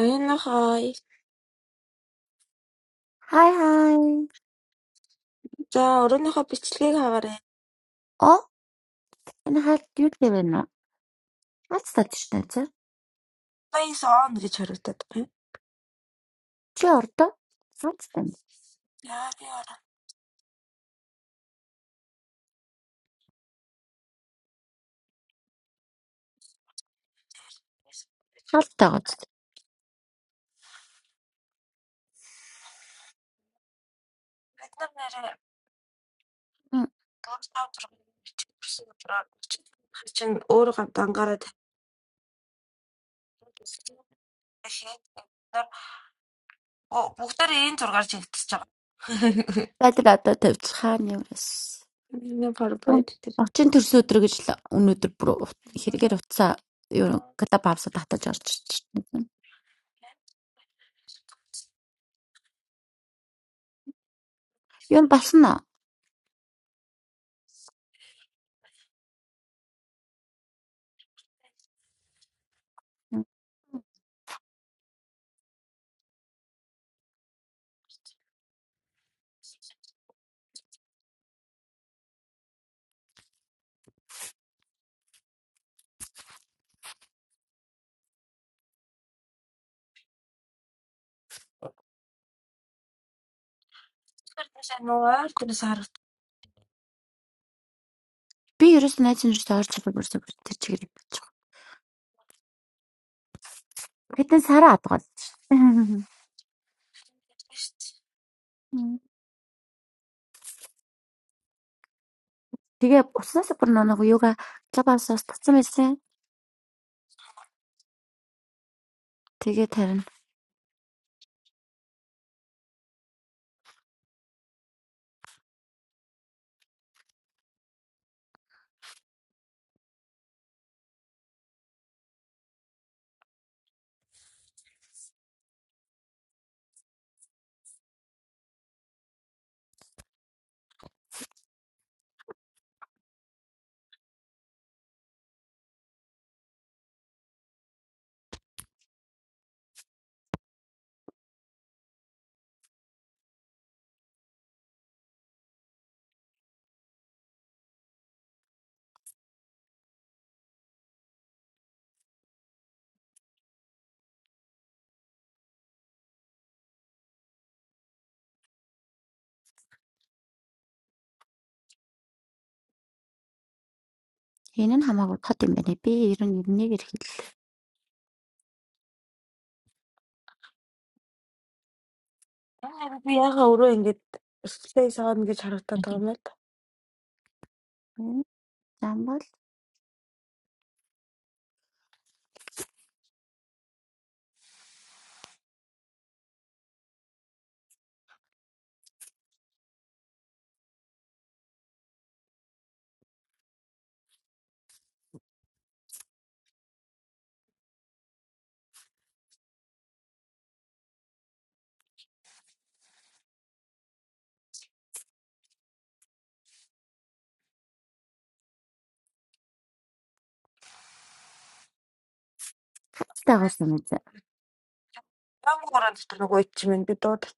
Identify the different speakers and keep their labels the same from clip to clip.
Speaker 1: Оюуныхоо
Speaker 2: Hi hi.
Speaker 1: за өрөөнийхөө бичлэгийг хагаарай.
Speaker 2: Oh, and how do you live now? How's the situation?
Speaker 1: Юдаас он гэж хариултаад байна.
Speaker 2: Sure. How's the weather?
Speaker 1: Яа би орооноос гэж.
Speaker 2: Hot, hot.
Speaker 1: Бид нар нэрээ дур тав зургийг бичиж өгсөн учраас чинь өөр гад ангараа тавьдаг гэсэн. Тэгээд бид нар бо- бүгдээрээ энэ зургаар жигдчихэж байгаа.
Speaker 2: Better than the previous.
Speaker 1: Энэ пар
Speaker 2: I
Speaker 1: байт тэр.
Speaker 2: think it's a little bit cooler
Speaker 1: Тэгэхээр
Speaker 2: inside. Unusually hot. I think it's because you're getting used to the heat. You're not
Speaker 1: тийш нуур тэрс харагдаж
Speaker 2: used to the cold. You're used to the
Speaker 1: байна шүү дээ.
Speaker 2: heat. Hey, Nhamago, how did you be? You look really good.
Speaker 1: Энэ яг би яга өрөө ингэж Space on гэж харагдаад байгаа юм
Speaker 2: How about us
Speaker 1: л
Speaker 2: today?
Speaker 1: да. Ямар хорон дотор нөгөө ичимэн би дуудах.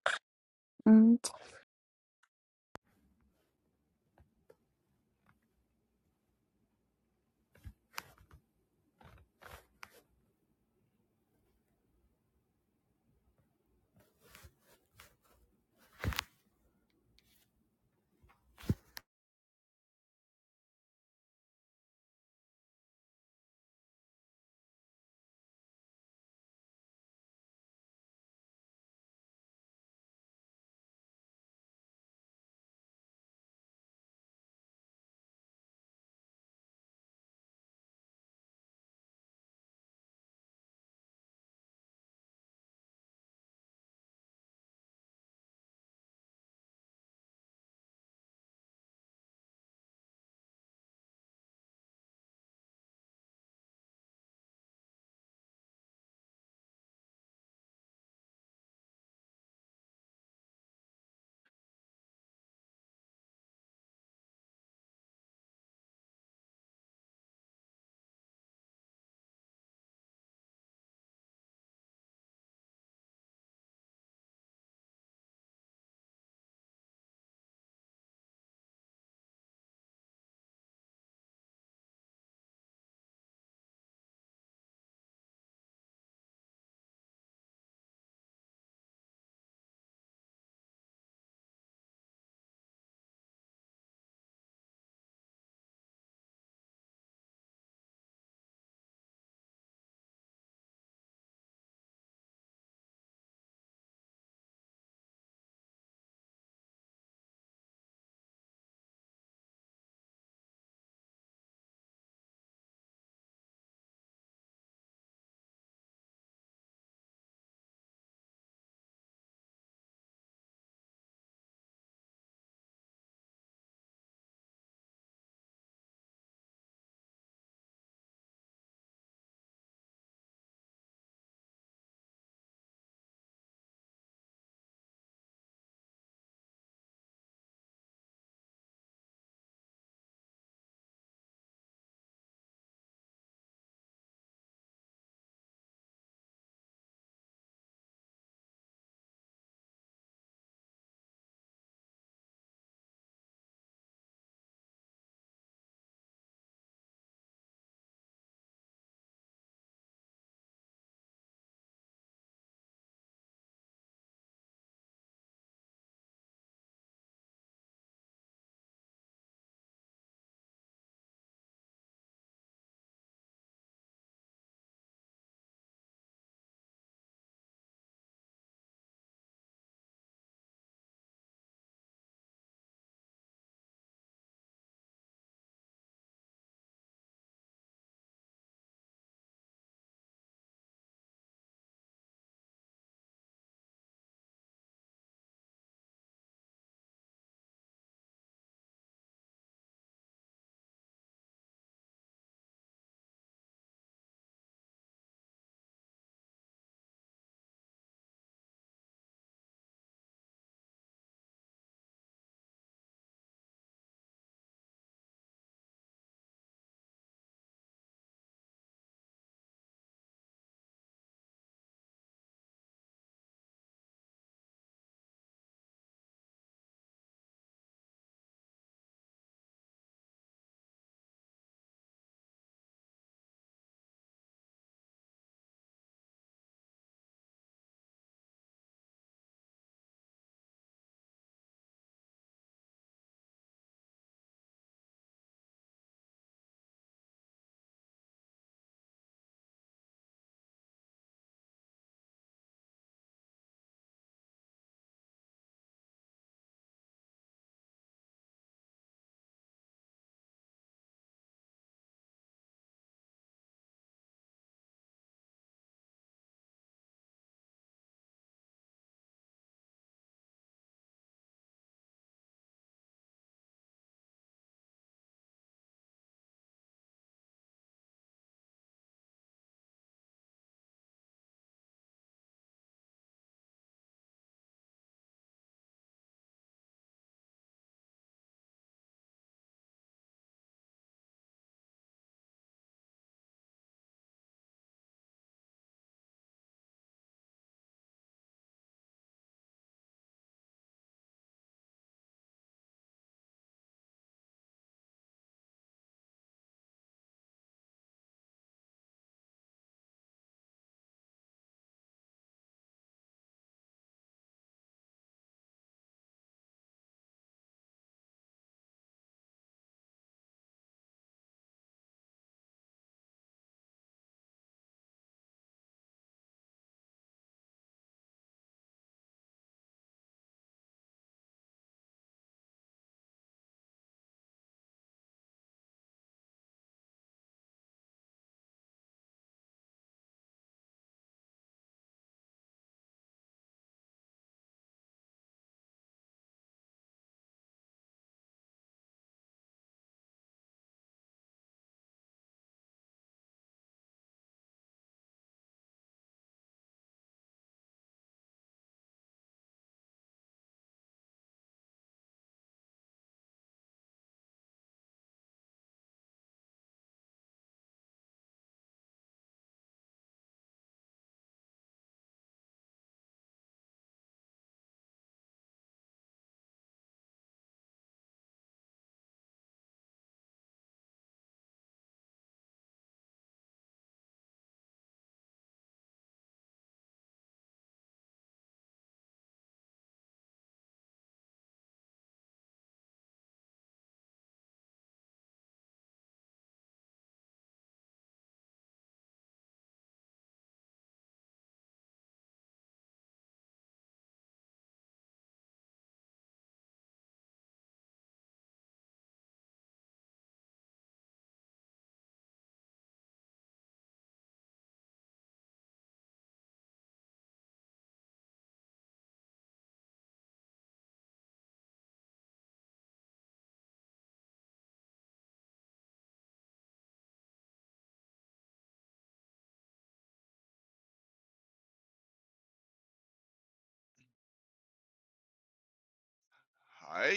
Speaker 3: Hi,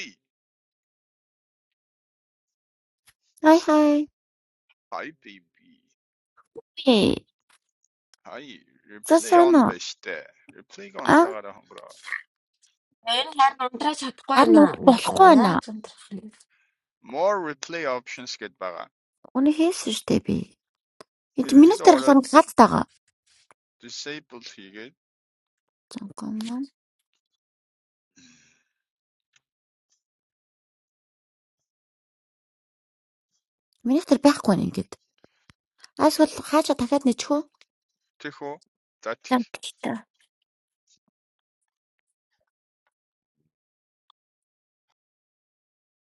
Speaker 2: Hi, hi.
Speaker 3: hi baby.
Speaker 2: Hey,
Speaker 3: Hi,
Speaker 2: so,
Speaker 3: replay on
Speaker 2: Sana,
Speaker 3: beste. Replay
Speaker 2: I
Speaker 3: контрагаараа хонгороо.
Speaker 1: Энэ харин унтраа чадахгүй
Speaker 2: heard
Speaker 1: байна.
Speaker 2: you're back
Speaker 1: Найзаа
Speaker 2: home. How
Speaker 1: яаж унтрах вэ?
Speaker 3: More replay options гэд baga.
Speaker 2: are you doing today? Did you
Speaker 3: Тэрэн
Speaker 2: manage to have
Speaker 3: лөө
Speaker 2: some fun today?
Speaker 3: disabled. Hige. хийгээд
Speaker 2: Of course. Did you manage to be back home again? As for how did you get here?
Speaker 3: тэхүү
Speaker 2: I took the bus.